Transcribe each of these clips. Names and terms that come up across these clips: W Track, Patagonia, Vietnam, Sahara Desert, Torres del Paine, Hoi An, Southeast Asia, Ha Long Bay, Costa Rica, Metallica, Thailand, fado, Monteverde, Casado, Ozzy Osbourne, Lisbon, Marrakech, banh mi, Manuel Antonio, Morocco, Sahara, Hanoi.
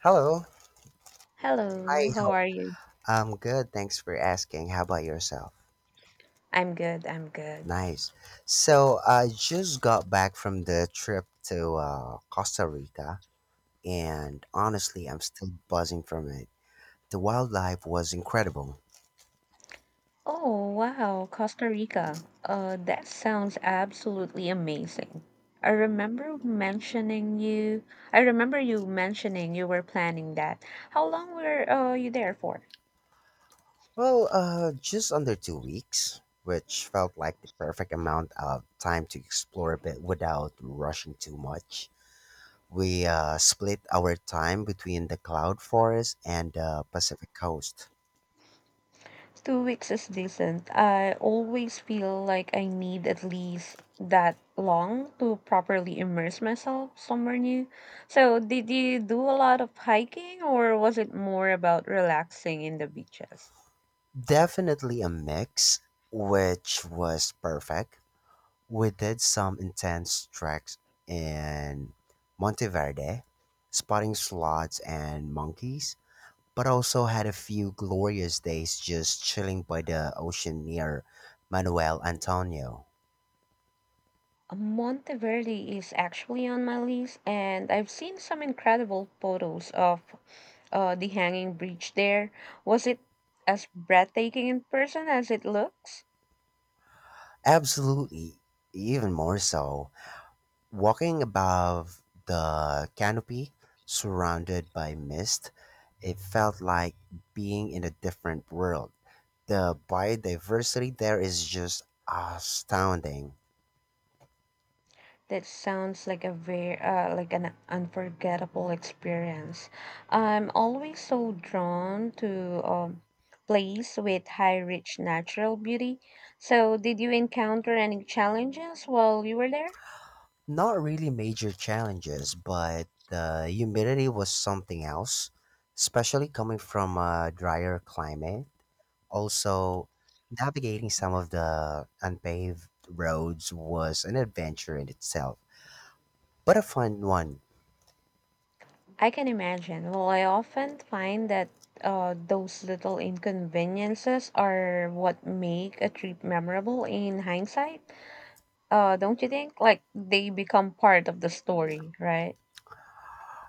Hello. Hi. Hello, how How? are you? I'm good. Thanks for asking. How about yourself? I'm good, I'm good. Nice. So I just got back from the trip to Costa Rica, and honestly, I'm still buzzing from it. The wildlife was incredible. Oh, wow, Costa Rica. That sounds absolutely amazing. I remember mentioning you. I remember you mentioning you were planning that. How long were you there for? Just under 2 weeks, which felt like the perfect amount of time to explore a bit without rushing too much. We split our time between the cloud forest and the Pacific coast. 2 weeks is decent. I always feel like I need at least that long to properly immerse myself somewhere new. So, did you do a lot of hiking or was it more about relaxing in the beaches? Definitely a mix, which was perfect. We did some intense treks in Monteverde, spotting sloths and monkeys, but also had a few glorious days just chilling by the ocean near Manuel Antonio. Monteverde is actually on my list, and I've seen some incredible photos of the hanging bridge there. Was it as breathtaking in person as it looks? Absolutely, even more so. Walking above the canopy, surrounded by mist, it felt like being in a different world. The biodiversity there is just astounding. That sounds like a very like an unforgettable experience. I'm always so drawn to place with high, rich natural beauty. So, did you encounter any challenges while you were there? Not really major challenges, but the humidity was something else, especially coming from a drier climate. Also, navigating some of the unpaved roads was an adventure in itself, but a fun one. I can imagine. Well, I often find that those little inconveniences are what make a trip memorable in hindsight. Don't you think? Like they become part of the story, right?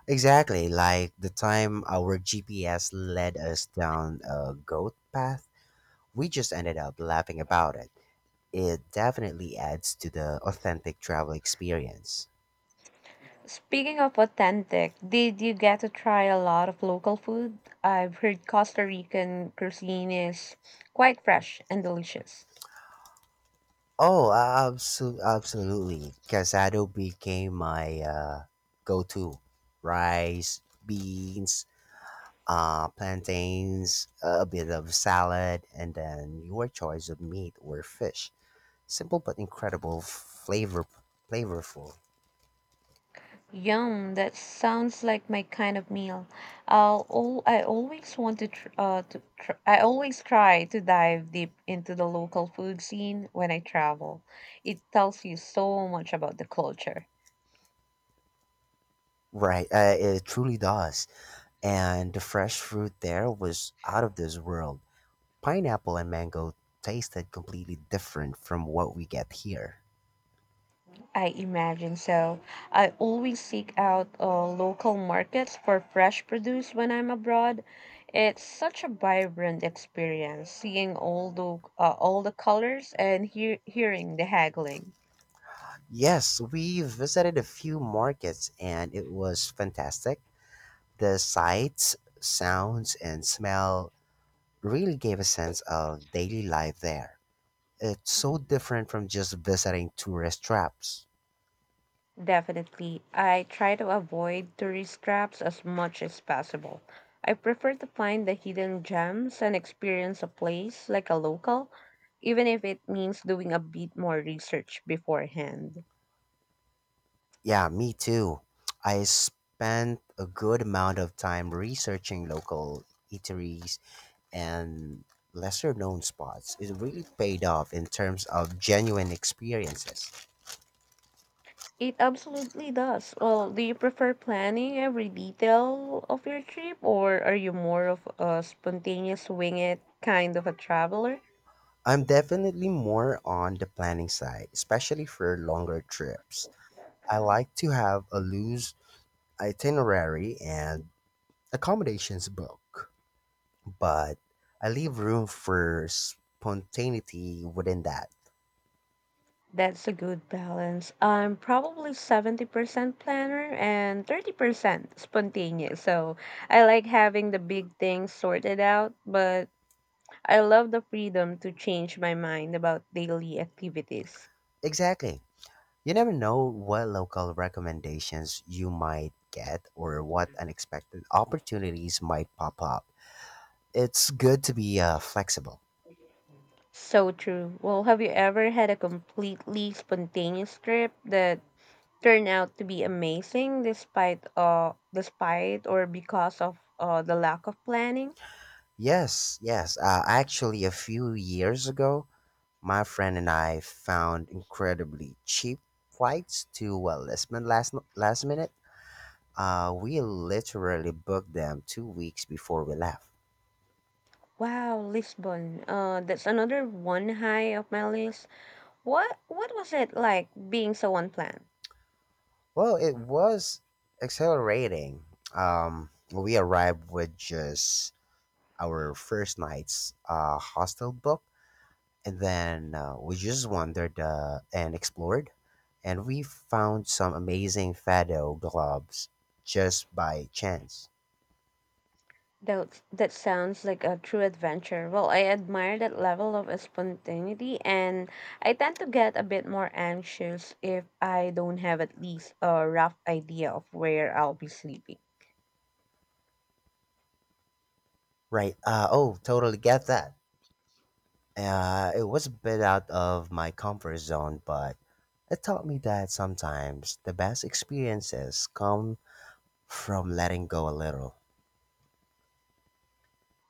Exactly, like the time our GPS led us down a goat path, we just ended up laughing about it. It definitely adds to the authentic travel experience. Speaking of authentic, did you get to try a lot of local food? I've heard Costa Rican cuisine is quite fresh and delicious. Oh, absolutely, absolutely. Casado became my go-to. Rice, beans, plantains, a bit of salad, and then your choice of meat or fish. Simple but incredible, flavorful. Yum, that sounds like my kind of meal. I'll all I always want to tr I always try to dive deep into the local food scene when I travel. It tells you so much about the culture. Right. It truly does. And the fresh fruit there was out of this world. Pineapple and mango tasted completely different from what we get here. I imagine so. I always seek out local markets for fresh produce when I'm abroad. It's such a vibrant experience seeing all the colors and hearing the haggling. Yes, we visited a few markets and it was fantastic. The sights, sounds, and smell really gave a sense of daily life there. It's so different from just visiting tourist traps. Definitely. I try to avoid tourist traps as much as possible. I prefer to find the hidden gems and experience a place like a local, even if it means doing a bit more research beforehand. Yeah, me too. I spent a good amount of time researching local eateries and lesser known spots. It really paid off in terms of genuine experiences. It absolutely does. Well, do you prefer planning every detail of your trip, or are you more of a spontaneous wing it kind of a traveler? I'm definitely more on the planning side, especially for longer trips. I like to have a loose itinerary and accommodations book, but I leave room for spontaneity within that. That's a good balance. I'm probably 70% planner and 30% spontaneous. So I like having the big things sorted out, but I love the freedom to change my mind about daily activities. Exactly. You never know what local recommendations you might get or what unexpected opportunities might pop up. It's good to be flexible. So true. Well, have you ever had a completely spontaneous trip that turn out to be amazing despite or because of the lack of planning. Yes. Actually, a few years ago, my friend and I found incredibly cheap flights to Lisbon last minute. We literally booked them 2 weeks before we left. Wow, Lisbon. That's another one high of my list. What was it like being so unplanned? Well, it was accelerating. We arrived with just our first night's hostel book, and then we just wandered and explored, and we found some amazing fado globes just by chance. That sounds like a true adventure. Well, I admire that level of spontaneity and I tend to get a bit more anxious if I don't have at least a rough idea of where I'll be sleeping. Right? Oh, totally get that. It was a bit out of my comfort zone, but it taught me that sometimes the best experiences come from letting go a little.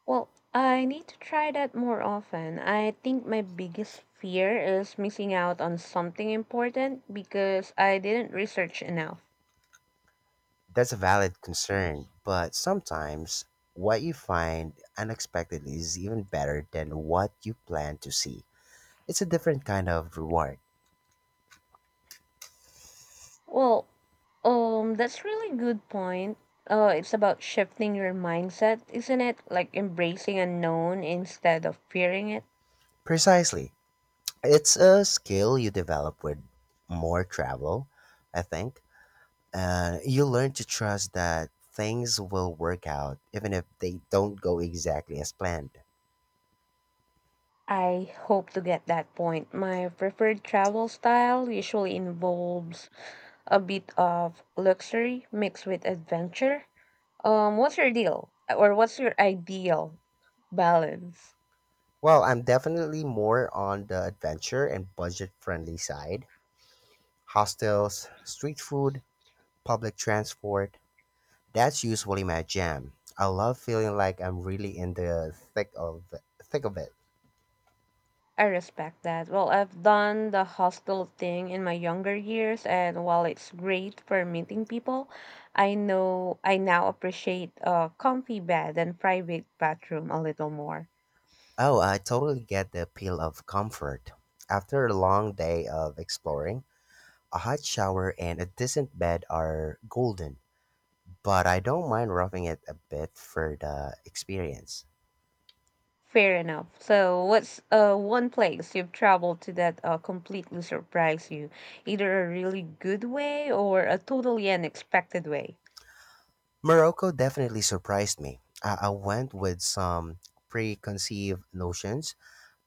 Well, I need to try that more often. I think my biggest fear is missing out on something important because I didn't research enough. That's a valid concern, but sometimes what you find unexpectedly is even better than what you plan to see. It's a different kind of reward. Well, that's really good point. It's about shifting your mindset, isn't it? Like embracing unknown instead of fearing it. Precisely. It's a skill you develop with more travel, I think. You learn to trust that things will work out even if they don't go exactly as planned. I hope to get that point. My preferred travel style usually involves a bit of luxury mixed with adventure. What's your deal or what's your ideal balance? Well, I'm definitely more on the adventure and budget friendly side. Hostels, street food, public transport. That's usually my jam. I love feeling like I'm really in the thick of it. I respect that. Well, I've done the hostel thing in my younger years, and while it's great for meeting people, I know I now appreciate a comfy bed and private bathroom a little more. Oh, I totally get the appeal of comfort. After a long day of exploring, a hot shower and a decent bed are golden, but I don't mind roughing it a bit for the experience. Fair enough. So, what's one place you've traveled to that completely surprised you, either a really good way or a totally unexpected way? Morocco definitely surprised me. I went with some preconceived notions,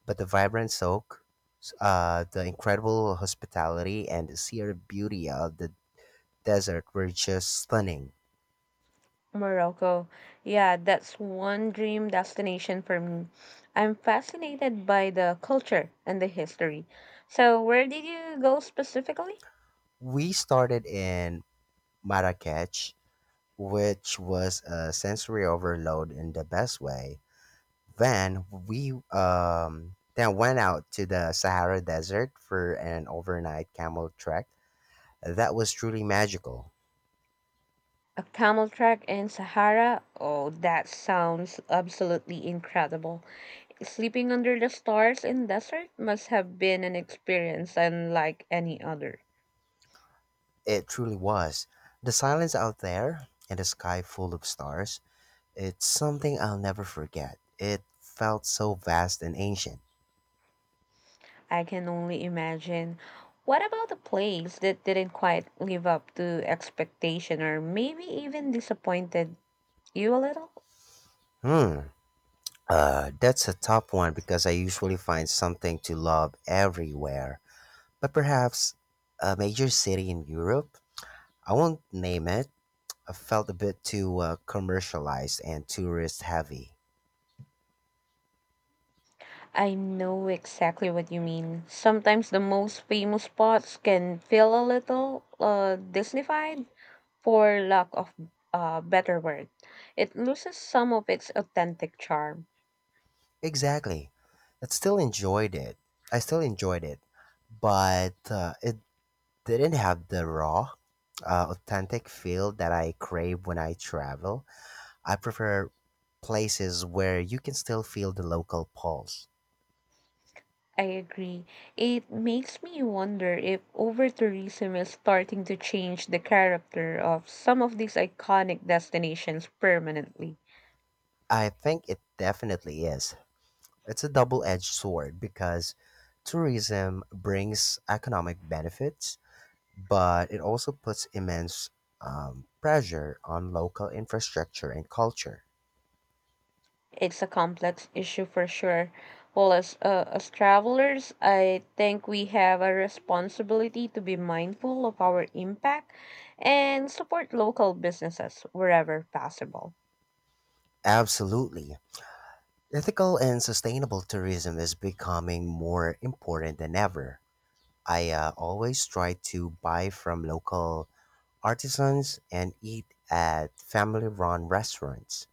but the vibrant soak, the incredible hospitality and the sheer beauty of the desert were just stunning. Morocco. Yeah, that's one dream destination for me. I'm fascinated by the culture and the history. So, where did you go specifically? We started in Marrakech, which was a sensory overload in the best way. Then we then went out to the Sahara Desert for an overnight camel trek. That was truly magical. A camel track in Sahara? Oh, that sounds absolutely incredible. Sleeping under the stars in desert must have been an experience unlike any other. It truly was. The silence out there and the sky full of stars, it's something I'll never forget. It felt so vast and ancient. I can only imagine. What about the plays that didn't quite live up to expectation or maybe even disappointed you a little? Hmm. That's a tough one because I usually find something to love everywhere. But perhaps a major city in Europe? I won't name it. I felt a bit too commercialized and tourist heavy. I know exactly what you mean. Sometimes the most famous spots can feel a little Disneyfied, for lack of a better word. It loses some of its authentic charm. Exactly. I still enjoyed it. I still enjoyed it, but it didn't have the raw, authentic feel that I crave when I travel. I prefer places where you can still feel the local pulse. I agree. It makes me wonder if over tourism is starting to change the character of some of these iconic destinations permanently. I think it definitely is. It's a double edged sword because tourism brings economic benefits, but it also puts immense pressure on local infrastructure and culture. It's a complex issue for sure. Well, as travelers, I think we have a responsibility to be mindful of our impact and support local businesses wherever possible. Absolutely. Ethical and sustainable tourism is becoming more important than ever. I always try to buy from local artisans and eat at family run restaurants.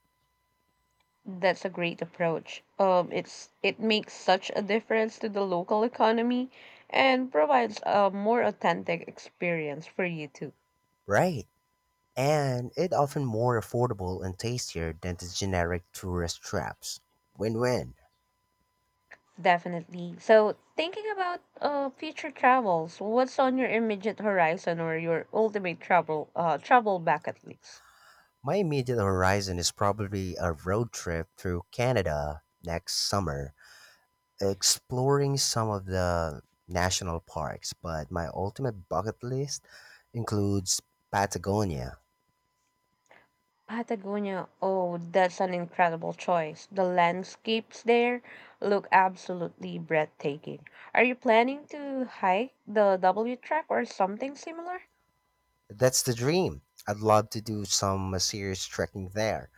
That's a great approach. It makes such a difference to the local economy and provides a more authentic experience for you too. Right. And it often more affordable and tastier than the generic tourist traps. Win-win. Definitely. So, thinking about future travels, what's on your immediate horizon or your ultimate travel bucket list? My immediate horizon is probably a road trip through Canada next summer, exploring some of the national parks, but my ultimate bucket list includes Patagonia. Patagonia. Oh, that's an incredible choice. The landscapes there look absolutely breathtaking. Are you planning to hike the W Track or something similar? That's the dream. I'd love to do some serious trekking there.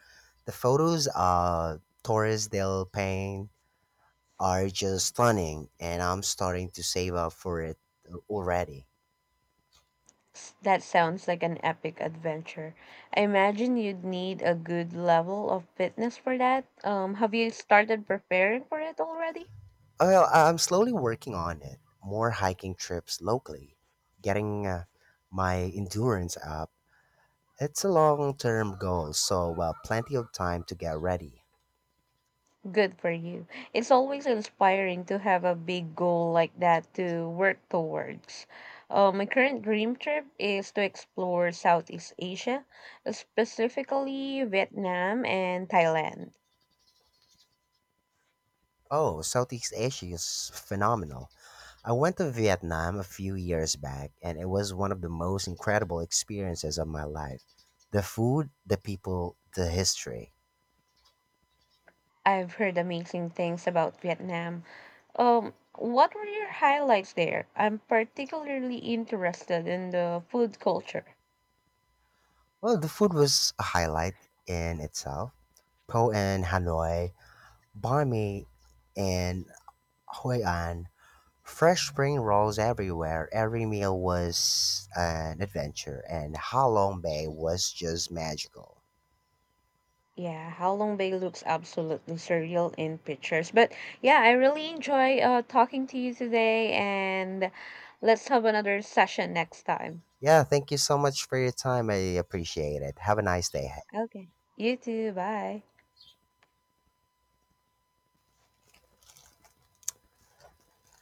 The photos of Torres del Paine are just stunning, and I'm starting to save up for it already. That sounds like an epic adventure. I imagine you'd need a good level of fitness for that. Have you started preparing for it already? Well, I'm slowly working on it. More hiking trips locally, getting my endurance up. It's a long term goal, so plenty of time to get ready. Good for you. It's always inspiring to have a big goal like that to work towards. My current dream trip is to explore Southeast Asia, specifically Vietnam and Thailand. Oh, Southeast Asia is phenomenal. I went to Vietnam a few years back, and it was one of the most incredible experiences of my life. The food, the people, the history. I've heard amazing things about Vietnam. What were your highlights there? I'm particularly interested in the food culture. Well, the food was a highlight in itself. Po in Hanoi, banh mi in Hoi An, fresh spring rolls everywhere. Every meal was an adventure, and Ha Long Bay was just magical. Yeah, how long Bay looks absolutely surreal in pictures. But yeah, I really enjoy talking to you today, and let's have another session next time. Yeah, thank you so much for your time. I appreciate it. Have a nice day. Okay. You too. Bye.